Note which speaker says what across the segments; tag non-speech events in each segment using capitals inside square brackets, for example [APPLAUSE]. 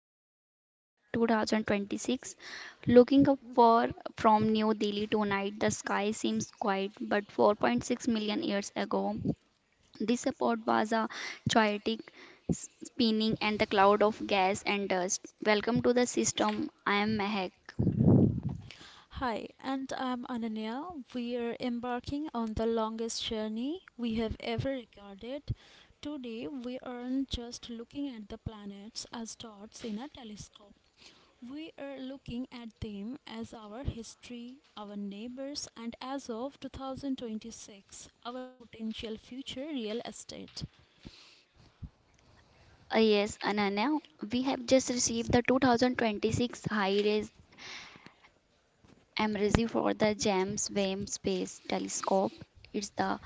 Speaker 1: the January 8, 2026. Looking up for from New Delhi tonight, the sky seems quiet, but 4.6 million years ago, this spot was a chaotic spinning and the cloud of gas and dust. Welcome to the system. I am Mehak.
Speaker 2: Hi, and I'm Ananya. We are embarking on the longest journey we have ever recorded. Today, we aren't just looking at the planets as dots in a telescope. We are looking at them as our history, our neighbors, and as of 2026, our potential future real estate.
Speaker 1: Yes, Ananya, we have just received the 2026 high-res emergency for the JAMS WAM Space Telescope. It's the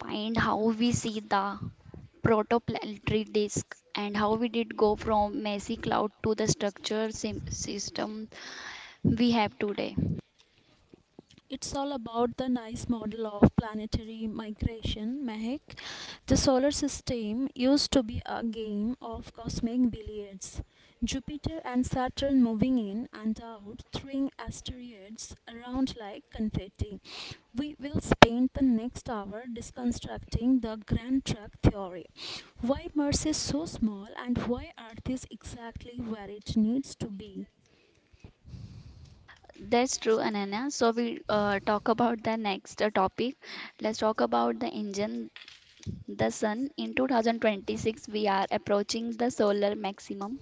Speaker 1: find how we see the protoplanetary disk and how we did go from messy cloud to the structure system we have today.
Speaker 2: It's all about the nice model of planetary migration, Mehek. The solar system used to be a game of cosmic billiards. Jupiter and Saturn moving in and out, throwing asteroids around like confetti. We will spend the next hour deconstructing the grand truck theory. Why Mars is so small and why Earth is exactly where it needs to be.
Speaker 1: That's true, Ananya. So we talk about the next topic. Let's talk about the engine, the sun. In 2026, we are approaching the solar maximum.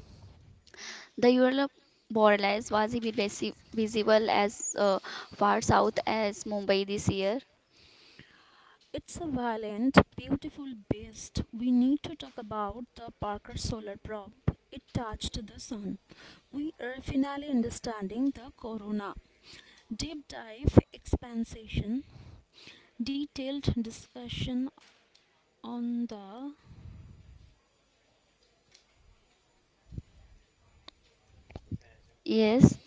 Speaker 1: The Europe Borealis was visible as far south as Mumbai this year.
Speaker 2: It's a violent, beautiful beast. We need to talk about the Parker solar probe. It touched the sun. We are finally understanding the corona. Deep dive expansion, detailed discussion on the
Speaker 1: Yes,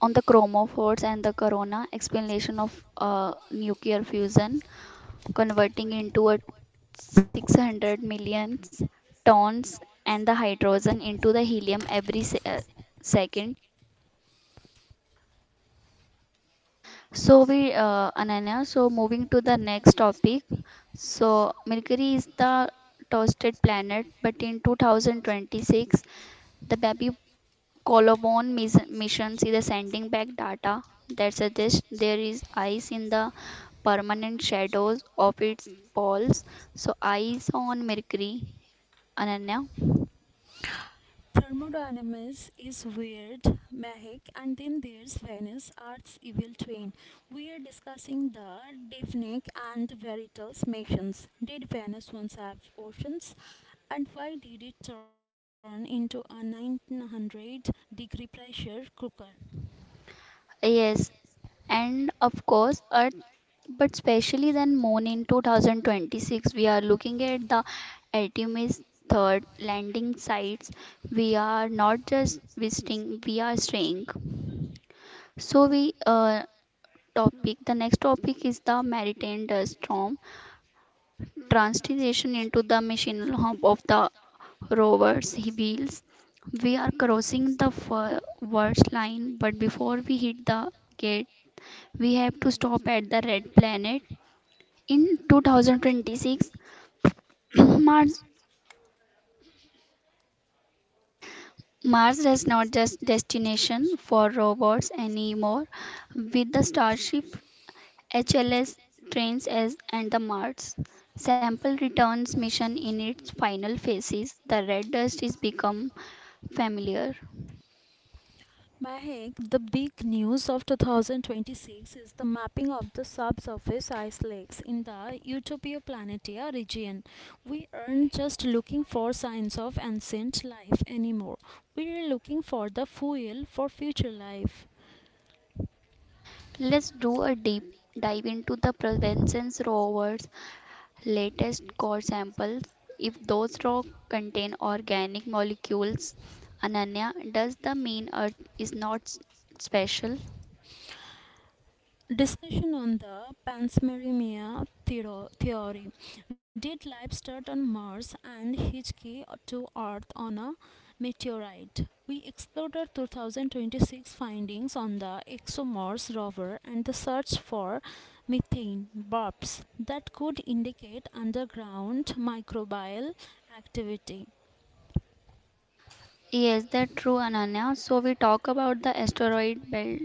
Speaker 1: on the chromophores and the corona, explanation of nuclear fusion converting into a 600 million tons and the hydrogen into the helium every second. So we Ananya, so moving to the next topic. So Mercury is the toasted planet, but in 2026 the baby Colobon missions is sending back data that suggests there is ice in the permanent shadows of its poles. So, ice on Mercury, Ananya.
Speaker 2: Thermodynamics is weird, magic, and then there's Venus, Earth's evil twin. We are discussing the Divnik and Veritas missions. Did Venus once have oceans? And why did it turn into a 900-degree pressure cooker?
Speaker 1: Yes, and of course Earth, but especially then Moon in 2026. We are looking at the Artemis third landing sites. We are not just visiting, we are staying. So we topic. The next topic is the maritime dust storm, transition into the missional hub of the rovers wheels. We are crossing the first line, but before we hit the gate, we have to stop at the red planet in 2026. [CLEARS THROAT] mars mars is not just destination for robots anymore, with the starship hls trains as and the mars sample returns mission in its final phases. The red dust is become familiar.
Speaker 2: Mahek, the big news of 2026 is the mapping of the subsurface ice lakes in the Utopia Planitia region. We aren't just looking for signs of ancient life anymore. We're looking for the fuel for future life.
Speaker 1: Let's do a deep dive into the prevention rover's latest core samples. If those raw contain organic molecules, Ananya, does the mean Earth is not special?
Speaker 2: Discussion on the panspermia theory. Did life start on Mars and hitchhike to Earth on a meteorite? We explored our 2026 findings on the ExoMars rover and the search for methane burps that could indicate underground microbial activity.
Speaker 1: Yes, that's true, Ananya. So we talk about the asteroid belt.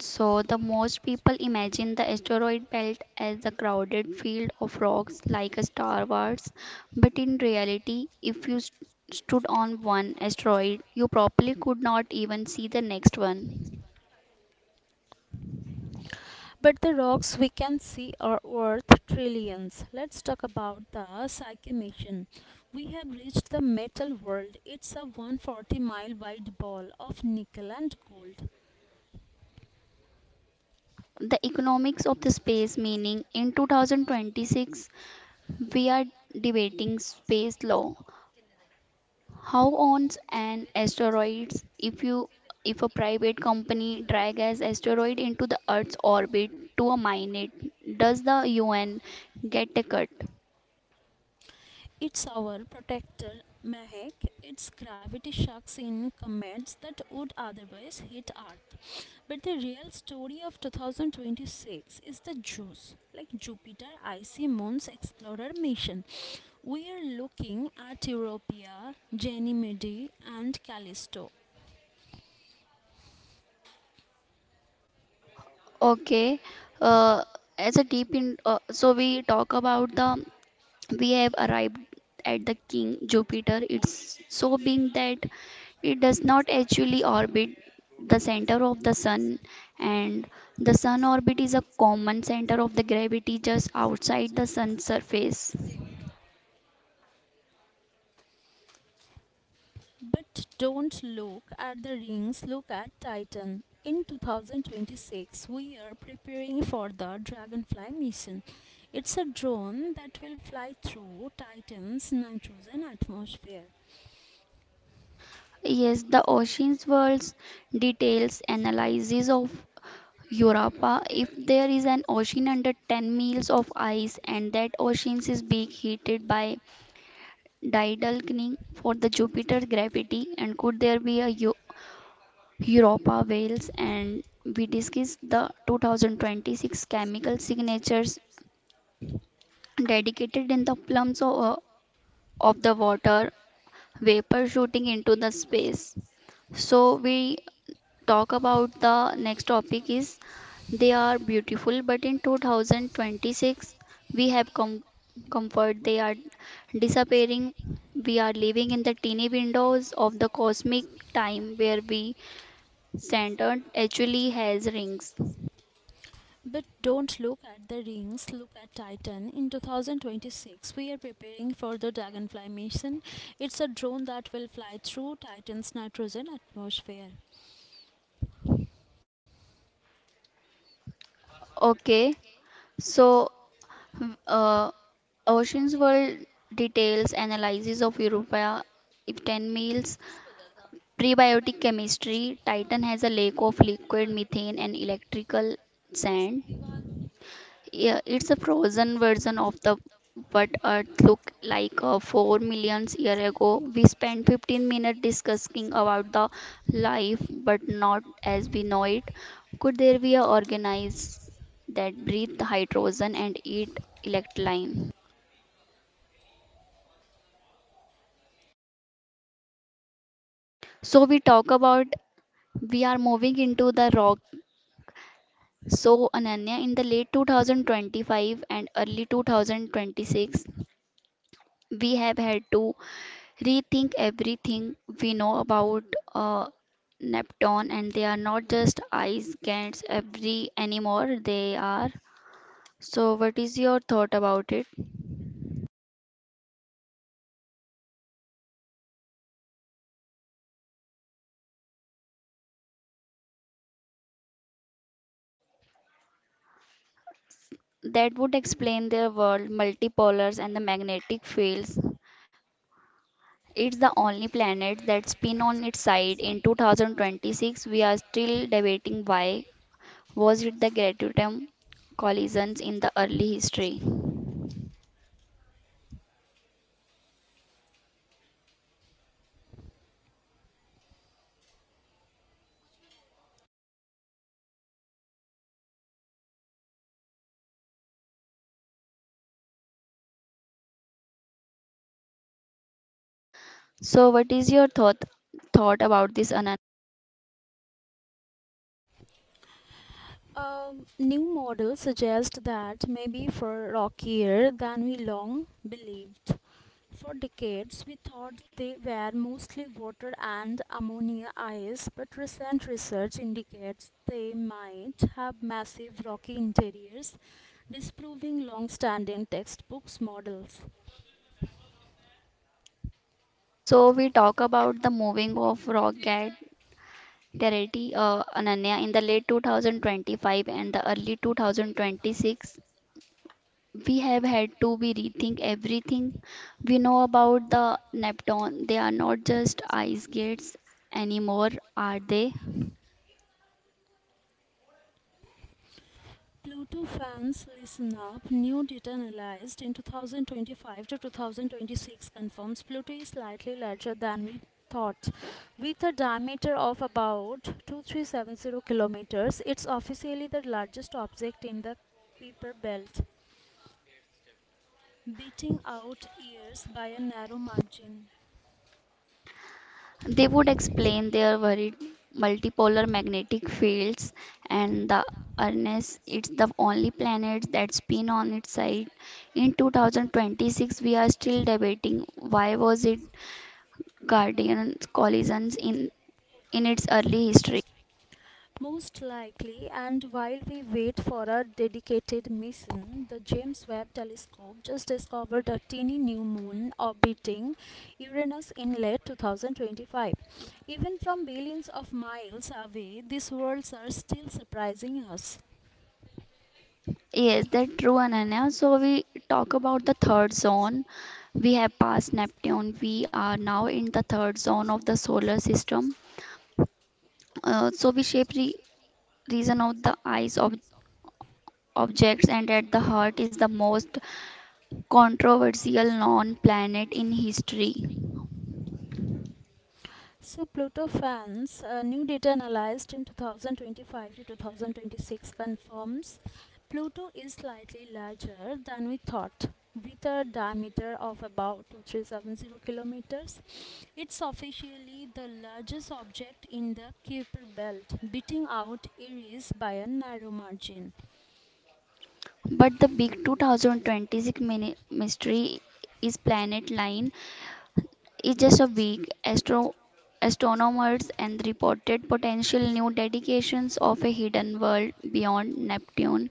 Speaker 1: So, the most people imagine the asteroid belt as a crowded field of rocks like a Star Wars, but in reality, if you stood on one asteroid, you probably could not even see the next one.
Speaker 2: But the rocks we can see are worth trillions. Let's talk about the Psyche mission. We have reached the metal world. It's a 140-mile wide ball of nickel and gold.
Speaker 1: The economics of the space meaning in 2026, we are debating space law. How owns an asteroids if a private company drag as asteroid into the Earth's orbit to a mine it? Does the UN get a cut?
Speaker 2: It's our protector, Mehek. It's gravity shocks in comets that would otherwise hit Earth. But the real story of 2026 is the JUICE, like Jupiter Icy Moons Explorer mission. We are looking at Europa, Ganymede, and Callisto.
Speaker 1: Okay, uh, as a deep in so we talk about the we have arrived at the King Jupiter. It's so big that it does not actually orbit the center of the sun, and the sun orbit is a common center of the gravity just outside the sun's surface.
Speaker 2: But don't look at the rings, look at Titan. In 2026, we are preparing for the Dragonfly mission. It's a drone that will fly through Titan's nitrogen atmosphere.
Speaker 1: Yes, the Ocean's World's details analysis of Europa. If there is an ocean under 10 miles of ice and that ocean is being heated by tidal killing for the Jupiter gravity, and could there be a Europa Wales, and we discussed the 2026 chemical signatures dedicated in the plums of the water vapor shooting into the space. So we talk about the next topic is they are beautiful, but in 2026 we have comfort they are disappearing. We are living in the teeny windows of the cosmic time where we standard actually has rings.
Speaker 2: But don't look at the rings, look at Titan. In 2026, we are preparing for the Dragonfly mission. It's a drone that will fly through Titan's nitrogen atmosphere.
Speaker 1: Okay, so uh, Ocean's World details analysis of Europa ten meals, prebiotic chemistry. Titan has a lake of liquid methane and electrical sand. Yeah, it's a frozen version of the what Earth looked like 4 million years ago. We spent 15 minutes discussing about the life, but not as we know it. Could there be a organism that breathe hydrogen and eat electrolyte? So we talk about we are moving into the rock. So Ananya, in the late 2025 and early 2026, we have had to rethink everything we know about uh, Neptune, and they are not just ice giants every anymore. They are. So, what is your thought about it? That would explain their world, multipolars, and the magnetic fields. It's the only planet that spin on its side. In 2026, we are still debating why. Was it the Gratutum collisions in the early history? So, what is your thought about this, Anand?
Speaker 2: New models suggest that may be far rockier than we long believed. For decades, we thought they were mostly water and ammonia ice, but recent research indicates they might have massive rocky interiors, disproving long standing textbooks models.
Speaker 1: So we talk about the moving of Rocket Terati Ananya in the late 2025 and the early 2026. We have had to be rethink everything we know about the Neptune. They are not just ice gates anymore, are they?
Speaker 2: Pluto fans, listen up. New data analyzed in 2025 to 2026 confirms Pluto is slightly larger than we thought. With a diameter of about 2,370 kilometers, it's officially the largest object in the Kuiper belt, beating out Eris by a narrow margin.
Speaker 1: They would explain their varied multipolar magnetic fields and the earnest it's the only planet that's on its side. In 2026, we are still debating why was it Guardian collisions in its early history.
Speaker 2: Most likely, and while we wait for a dedicated mission, the James Webb Telescope just discovered a teeny new moon orbiting Uranus in late 2025. Even from billions of miles away, these worlds are still surprising us.
Speaker 1: Yes, that's true, Ananya. So we talk about the third zone. We have passed Neptune. We are now in the third zone of the solar system. So we shape reason of the eyes of objects, and at the heart is the most controversial known planet in history.
Speaker 2: So Pluto fans, new data analyzed in 2025 to 2026 confirms Pluto is slightly larger than we thought, with a diameter of about 2,370 kilometers. It's officially the largest object in the Kuiper belt, beating out Eris by a narrow margin.
Speaker 1: But the big 2026 mystery is planet line, is just a week astronomers and reported potential new dedications of a hidden world beyond Neptune.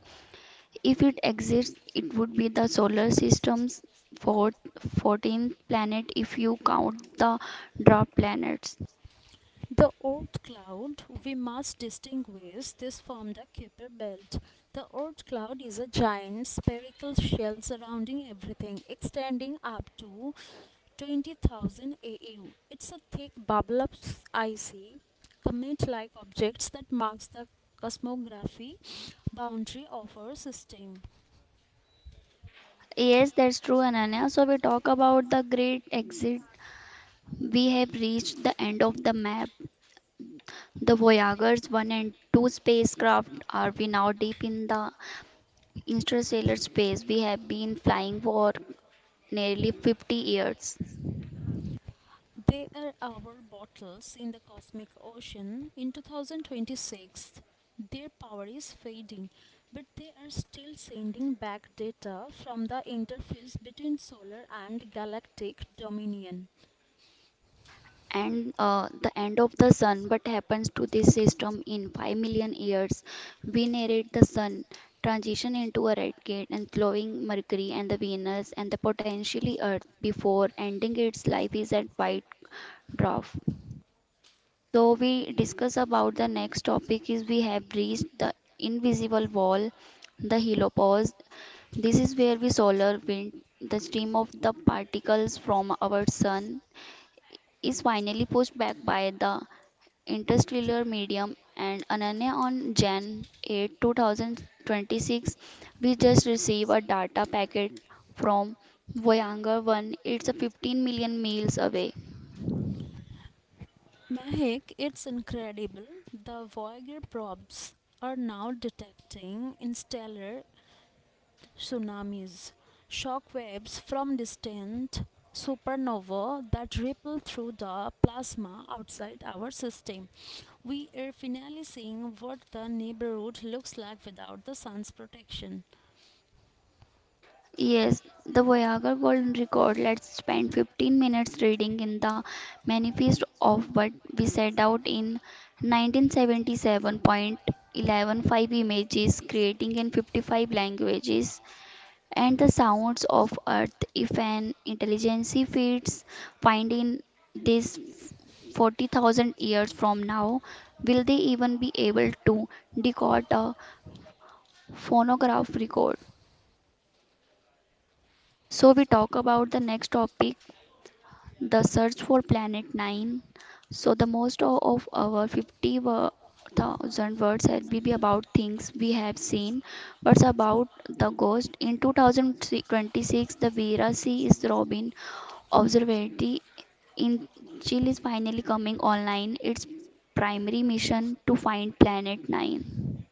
Speaker 1: If it exists, it would be the solar system's fourth 14th planet if you count the drop planets.
Speaker 2: The Oort cloud, we must distinguish this from the Kuiper belt. The Oort cloud is a giant spherical shell surrounding everything, extending up to 20,000 AU. It's a thick, bubble of icy, comet like objects that marks the cosmography boundary of our system.
Speaker 1: Yes, that's true, Ananya. So we talk about the great exit. We have reached the end of the map. The Voyagers 1 and 2 spacecraft are we now deep in the interstellar space. We have been flying for nearly 50 years.
Speaker 2: They are our bottles in the cosmic ocean. In 2026, their power is fading, but they are still sending back data from the interface between solar and galactic dominion.
Speaker 1: And the end of the sun, what happens to this system in 5 million years? We narrate the sun transition into a red gate and glowing Mercury and the Venus and the potentially Earth before ending its life is at white Brav. So we discuss about the next topic is we have reached the invisible wall, the helopause. This is where we solar wind, the stream of the particles from our sun, is finally pushed back by the interstellar medium. And Ananya, on January 8, 2026, we just received a data packet from Voyager 1. It's a 15 million miles away.
Speaker 2: Mahek, it's incredible. The Voyager probes are now detecting stellar tsunamis, shockwaves from distant supernova that ripple through the plasma outside our system. We are finally seeing what the neighborhood looks like without the sun's protection.
Speaker 1: Yes, the Voyager Golden Record. Let's spend 15 minutes reading in the manifest of what we set out in 1977.115 images, creating in 55 languages, and the sounds of Earth. If an intelligence feeds find in this 40,000 years from now, will they even be able to decode a phonograph record? So we talk about the next topic, the search for planet 9. So the most of our 50,000 words had be about things we have seen, but about the ghost. In 2026, the Vera C. is Robin observatory in Chile is finally coming online, its primary mission to find planet 9.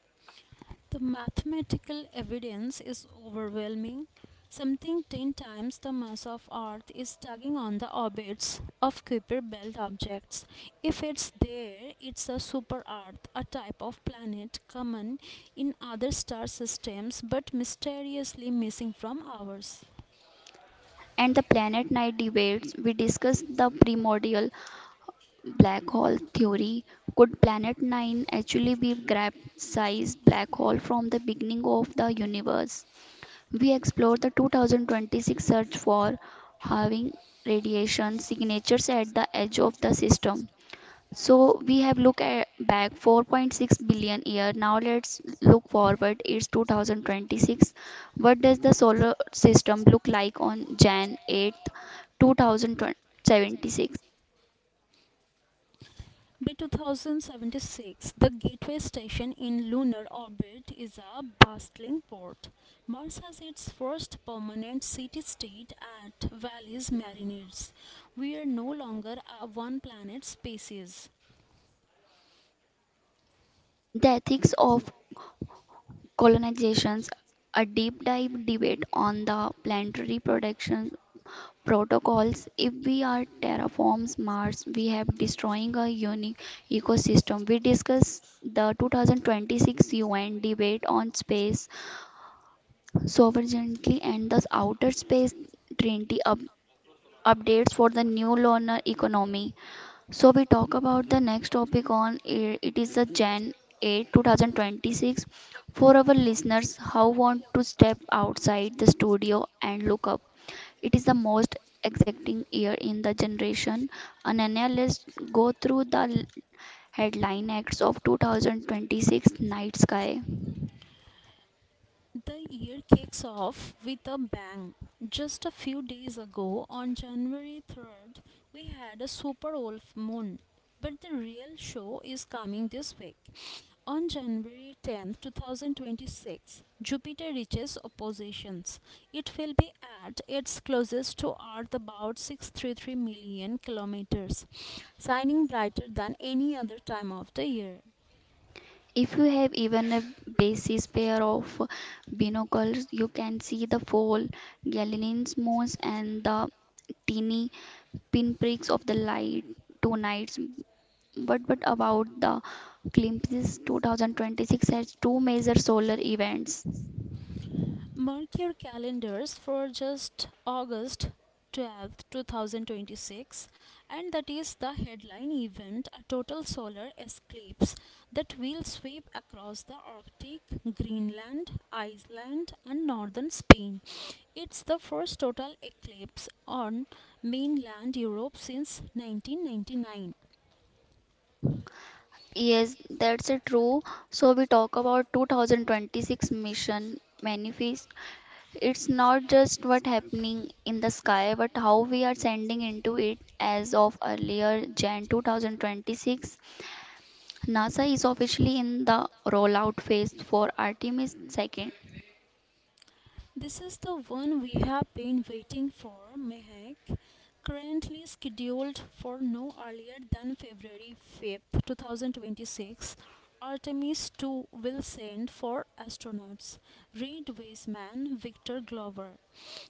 Speaker 2: The mathematical evidence is overwhelming. Something 10 times the mass of Earth is tugging on the orbits of Kuiper belt objects. If it's there, it's a super Earth, a type of planet common in other star systems but mysteriously missing from ours.
Speaker 1: And the planet 9 debates, we discussed the primordial black hole theory. Could planet 9 actually be grab sized black hole from the beginning of the universe? We explored the 2026 search for having radiation signatures at the edge of the system. So we have looked at back 4.6 billion year. Now let's look forward. It's 2026. What does the solar system look like on Jan 8, 2076?
Speaker 2: By 2076, the Gateway Station in lunar orbit is a bustling port. Mars has its first permanent city state at Valles Marineris. We are no longer a one planet species.
Speaker 1: The ethics of colonizations, a deep dive debate on the planetary protection protocols. If we are terraforms Mars, we have destroying a unique ecosystem. We discuss the 2026 UN debate on space sovereignty and the outer space treaty updates for the new lunar economy. So we talk about the next topic on it is the January 8, 2026 For our listeners how want to step outside the studio and look up. It is the most exacting year in the generation. Ananya, let's go through the headline acts of 2026 night sky.
Speaker 2: The year kicks off with a bang. Just a few days ago, on January 3rd, we had a super wolf moon. But the real show is coming this week. On January 10th, 2026, Jupiter reaches oppositions. It will be at its closest to Earth about 633 million kilometers, shining brighter than any other time of the year.
Speaker 1: If you have even a basis pair of binoculars, you can see the fall, Galilean's moons, and the tiny pinpricks of the light two nights. But about the glimpses, 2026 has two major solar events.
Speaker 2: Mark your calendars for just August 12th, 2026, and that is the headline event, a total solar eclipse that will sweep across the Arctic, Greenland, Iceland, and northern Spain. It's the first total eclipse on mainland Europe since 1999.
Speaker 1: Yes, that's a true. So we talk about 2026 mission manifest. It's not just what happening in the sky, but how we are sending into it. As of earlier Jan 2026, NASA is officially in the rollout phase for Artemis 2.
Speaker 2: This is the one we have been waiting for, Mehak, currently scheduled for no earlier than February 5th, 2026. Artemis 2 will send four astronauts, Reid Wiseman, Victor Glover,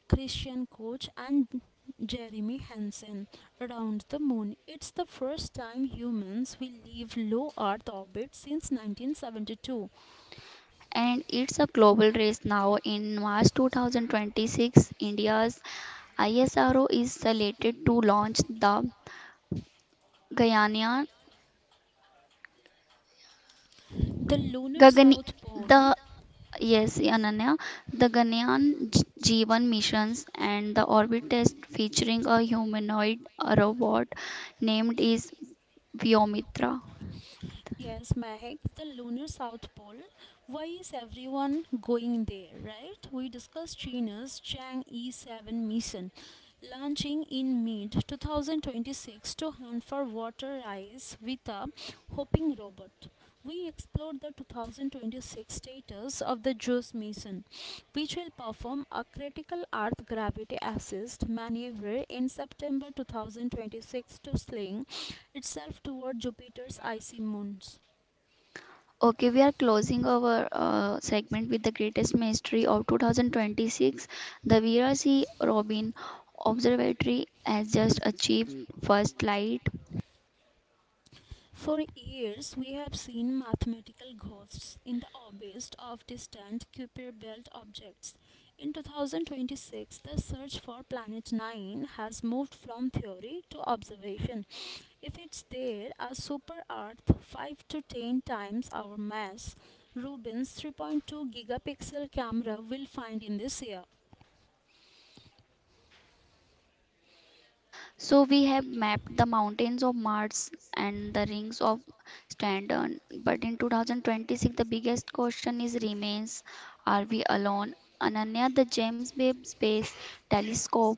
Speaker 2: Christian Koch, and Jeremy Hansen, around the moon. It's the first time humans will leave low Earth orbit since 1972.
Speaker 1: And it's a global race now. In March 2026, India's ISRO is slated to launch the Gaganyaan,
Speaker 2: The lunar
Speaker 1: Gagani,
Speaker 2: south pole.
Speaker 1: the yes, Ananya, the Gaganyaan Jeevan missions and the orbit test featuring a humanoid robot named is Vyomitra.
Speaker 2: Yes, Mahek, the lunar south pole. Why is everyone going there, right? We discussed China's Chang'e 7 mission launching in mid 2026 to hunt for water ice with a hopping robot. We explored the 2026 status of the JUICE mission, which will perform a critical Earth gravity assist maneuver in September 2026 to sling itself toward Jupiter's icy moons.
Speaker 1: Okay, we are closing our segment with the greatest mystery of 2026. The Vera C. Robin Observatory has just achieved first light.
Speaker 2: For years, we have seen mathematical ghosts in the orbits of distant Kuiper Belt objects. In 2026, the search for Planet 9 has moved from theory to observation. If it's there, a super Earth 5 to 10 times our mass, Rubin's 3.2 gigapixel camera will find in this year.
Speaker 1: So we have mapped the mountains of Mars and the rings of Saturn. But in 2026, the biggest question is remains: Are we alone? Ananya, the James Webb Space Telescope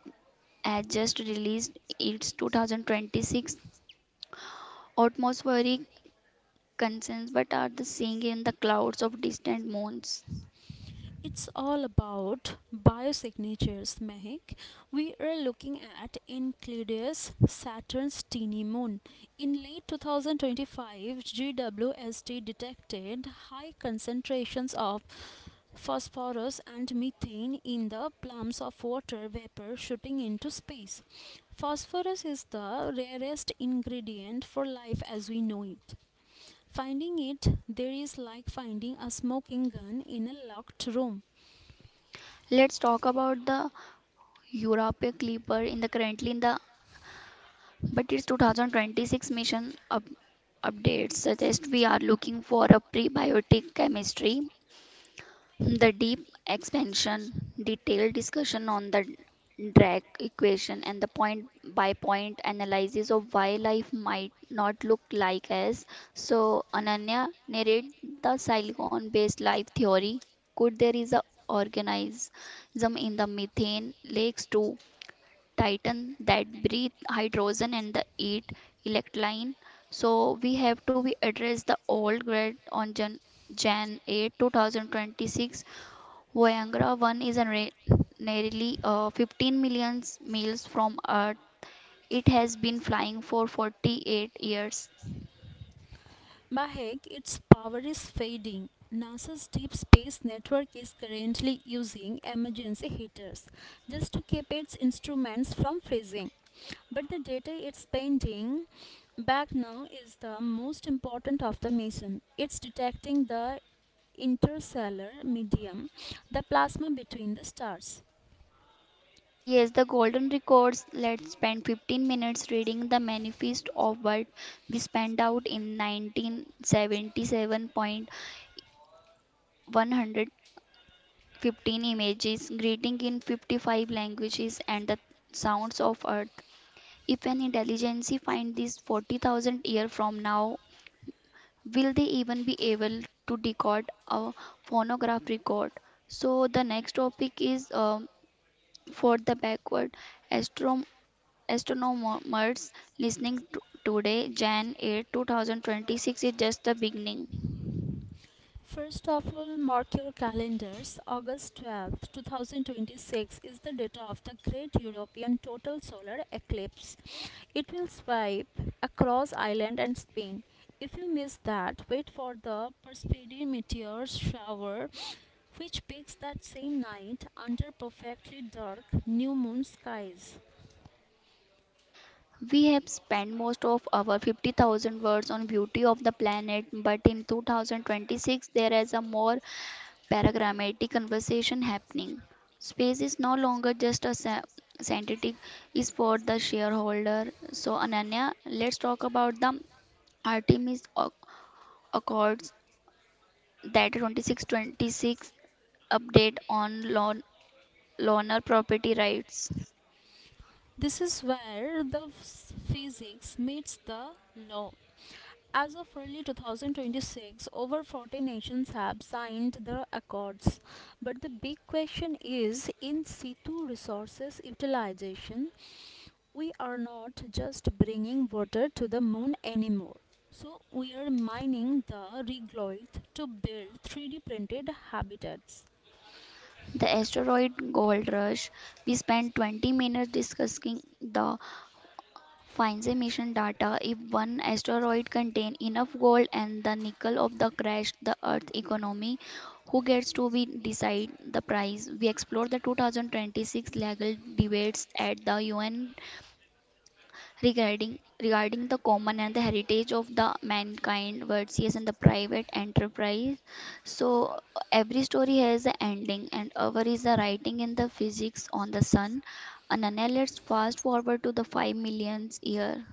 Speaker 1: has just released its 2026 atmospheric concerns but are the seeing in the clouds of distant moons.
Speaker 2: It's all about biosignatures, Mehak. We are looking at Enceladus, Saturn's teeny moon. In late 2025, GWST detected high concentrations of phosphorus and methane in the plumes of water vapor shooting into space. Phosphorus is the rarest ingredient for life as we know it. Finding it there is like finding a smoking gun in a locked room.
Speaker 1: Let's talk about the Europa Clipper in the currently in the but its 2026 mission updates suggest we are looking for a prebiotic chemistry. The deep expansion, detailed discussion on the drag equation, and the point by point analysis of why life might not look like us. So, Ananya, narrate the silicon based life theory. Could there is a organism in the methane lakes to Titan that breathe hydrogen and the eat electron? So, we have to be address the old grad on Jan 8, 2026. Voyangra 1 is nearly 15 million miles from Earth. It has been flying for 48 years.
Speaker 2: Mahek, its power is fading. NASA's Deep Space Network is currently using emergency heaters just to keep its instruments from freezing. But the data it's sending back now is the most important of the mission. It's detecting the interstellar medium, the plasma between the stars.
Speaker 1: Yes, the golden records. Let's spend 15 minutes reading the manifest of what we spent out in 1977. 115 images, greeting in 55 languages and the sounds of Earth. If an intelligence find this 40,000 year from now, will they even be able to decode a phonograph record? So the next topic is for the backward astrom- astronomers listening to today, Jan 8, 2026 is just the beginning.
Speaker 2: First of all, mark your calendars. August 12th, 2026 is the date of the Great European Total Solar Eclipse. It will sweep across Ireland and Spain. If you miss that, wait for the Perseid meteor shower, which peaks that same night under perfectly dark new moon skies.
Speaker 1: We have spent most of our 50,000 words on beauty of the planet, but in 2026 there is a more paragrammatic conversation happening. Space is no longer just a scientific, is for the shareholder. So Ananya, let's talk about the Artemis Accords that 2626 update on loner property rights.
Speaker 2: This is where the physics meets the law. As of early 2026, over 40 nations have signed the accords. But the big question is in situ resources utilization. We are not just bringing water to the moon anymore. So we are mining the regolith to build 3D printed habitats.
Speaker 1: The asteroid gold rush. We spent 20 minutes discussing the finds emission data if one asteroid contains enough gold and the nickel of the crash the earth economy. Who gets to be decide the price? We explore the 2026 legal debates at the UN regarding regarding the common and the heritage of the mankind versus and the private enterprise. So every story has an ending and our is the writing in the physics on the sun, and now let's fast forward to the 5 millionth year.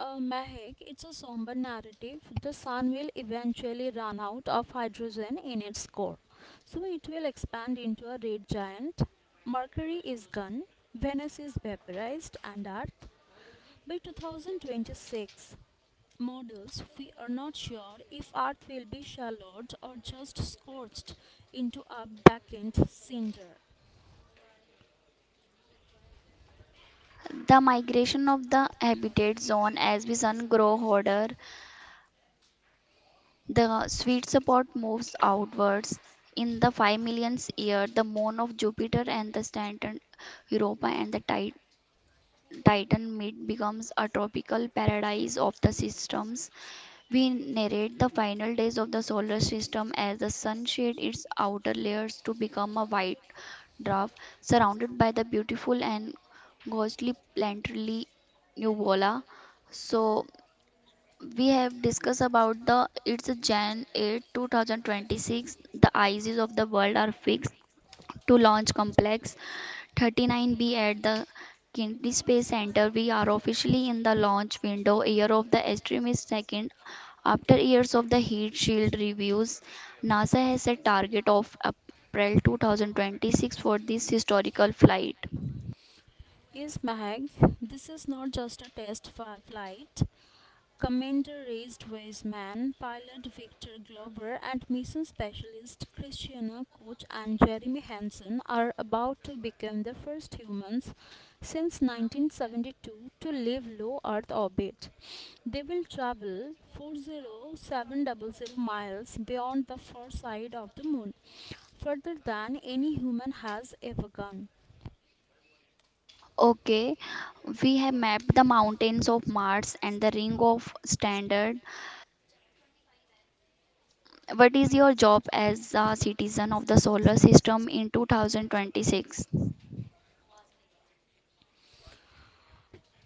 Speaker 2: Mahek, it's a somber narrative. The sun will eventually run out of hydrogen in its core, so it will expand into a red giant. Mercury is gone, Venus is vaporized, and Earth. By 2026 models, we are not sure if Earth will be shallowed or just scorched into a blackened cinder.
Speaker 1: The migration of the habitat zone as we sun grow hotter, the sweet spot moves outwards. In the 5 millionth year, the moon of Jupiter and the Saturn, Europa and Titan meet becomes a tropical paradise of the systems. We narrate the final days of the solar system as the sun shed its outer layers to become a white dwarf surrounded by the beautiful and ghostly planetary nebula. So we have discussed about the it's Jan 8, 2026. The ICs of the world are fixed to launch complex 39B at the Kennedy Space Center. We are officially in the launch window, year of the extremist second. After years of the heat shield reviews, NASA has set target of April 2026 for this historical flight.
Speaker 2: Yes, Mahag, this is not just a flight. Commander Raised Weisman, pilot Victor Glover, and mission specialist Christiana Koch and Jeremy Hansen are about to become the first humans since 1972 to leave low Earth orbit. They will travel 40,700 miles beyond the far side of the moon, further than any human has ever gone.
Speaker 1: Okay, we have mapped the mountains of Mars and the ring of standard. What is your job as a citizen of the solar system in 2026?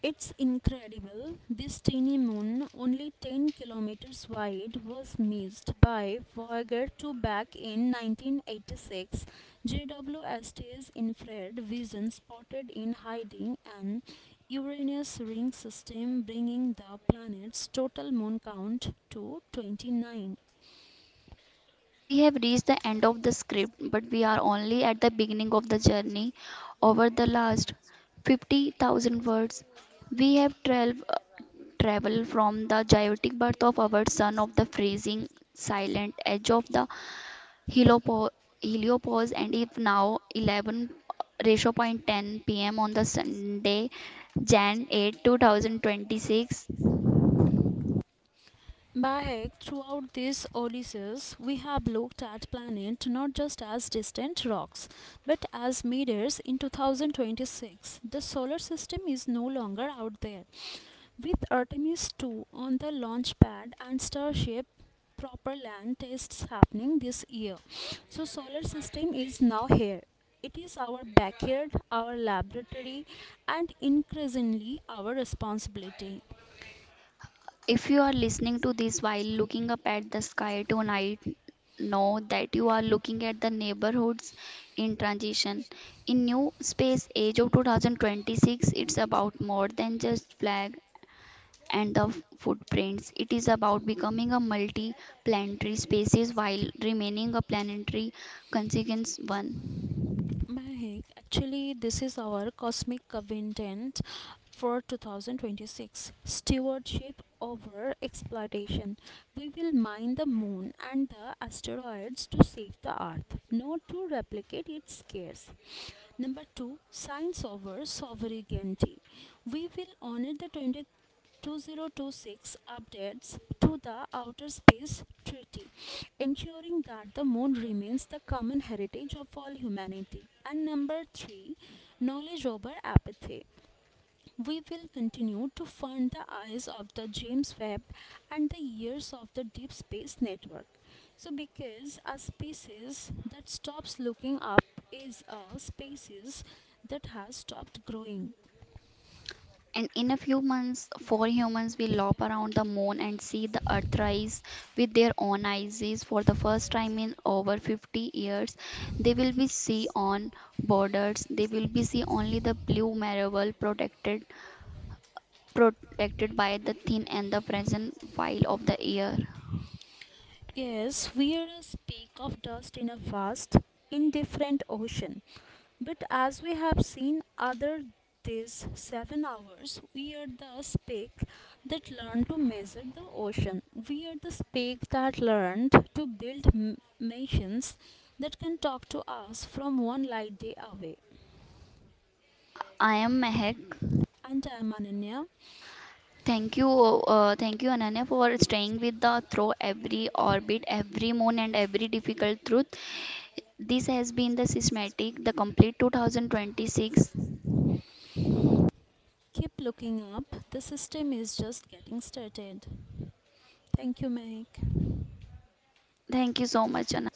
Speaker 2: It's incredible. This tiny moon, only 10 kilometers wide, was missed by Voyager 2 back in 1986. JWST's infrared vision spotted in hiding an Uranus ring system, bringing the planet's total moon count to 29.
Speaker 1: Yes, we have reached the end of the script, but we are only at the beginning of the journey. Over the last 50,000 words, we have traveled from the chaotic birth of our sun of the freezing, silent edge of the heliopo- heliopause, and if now 11 ratio point 10 p.m. on the Sunday, Jan 8, 2026.
Speaker 2: Back throughout this Odysseus, we have looked at planet not just as distant rocks, but as mirrors. In 2026, the solar system is no longer out there. With Artemis 2 on the launch pad and Starship proper land tests happening this year, so solar system is now here. It is our backyard, our laboratory, and increasingly our responsibility.
Speaker 1: If you are listening to this while looking up at the sky tonight, know that you are looking at the neighborhoods in transition. In New Space Age of 2026, it's about more than just flag and the footprints. It is about becoming a multi-planetary species while remaining a planetary consequence one.
Speaker 2: Mahek, actually, this is our cosmic covenant for 2026, stewardship over exploitation. We will mine the moon and the asteroids to save the earth, not to replicate its scarce. Number two, science over sovereignty. We will honor the 20 2026 updates to the Outer Space Treaty, ensuring that the moon remains the common heritage of all humanity. And number three, knowledge over apathy. We will continue to fund the eyes of the James Webb and the ears of the Deep Space Network. So, because a species that stops looking up is a species that has stopped growing.
Speaker 1: And in a few months, four humans will lop around the moon and see the Earth rise with their own eyes. For the first time in over 50 years, they will be see on borders. They will be see only the blue marble protected by the thin and the present while of the year.
Speaker 2: Yes, we are a speck of dust in a vast, indifferent ocean. But as we have seen other these 7 hours, we are the speck that learned to measure the ocean. We are the speck that learned to build machines that can talk to us from one light day away.
Speaker 1: I am Mehak.
Speaker 2: And I'm Ananya.
Speaker 1: Thank you, Ananya, for staying with the through every orbit, every moon, and every difficult truth. This has been the systematic, the complete 2026.
Speaker 2: Keep looking up. The system is just getting started. Thank you, Mike.
Speaker 1: Thank you so much, Anand.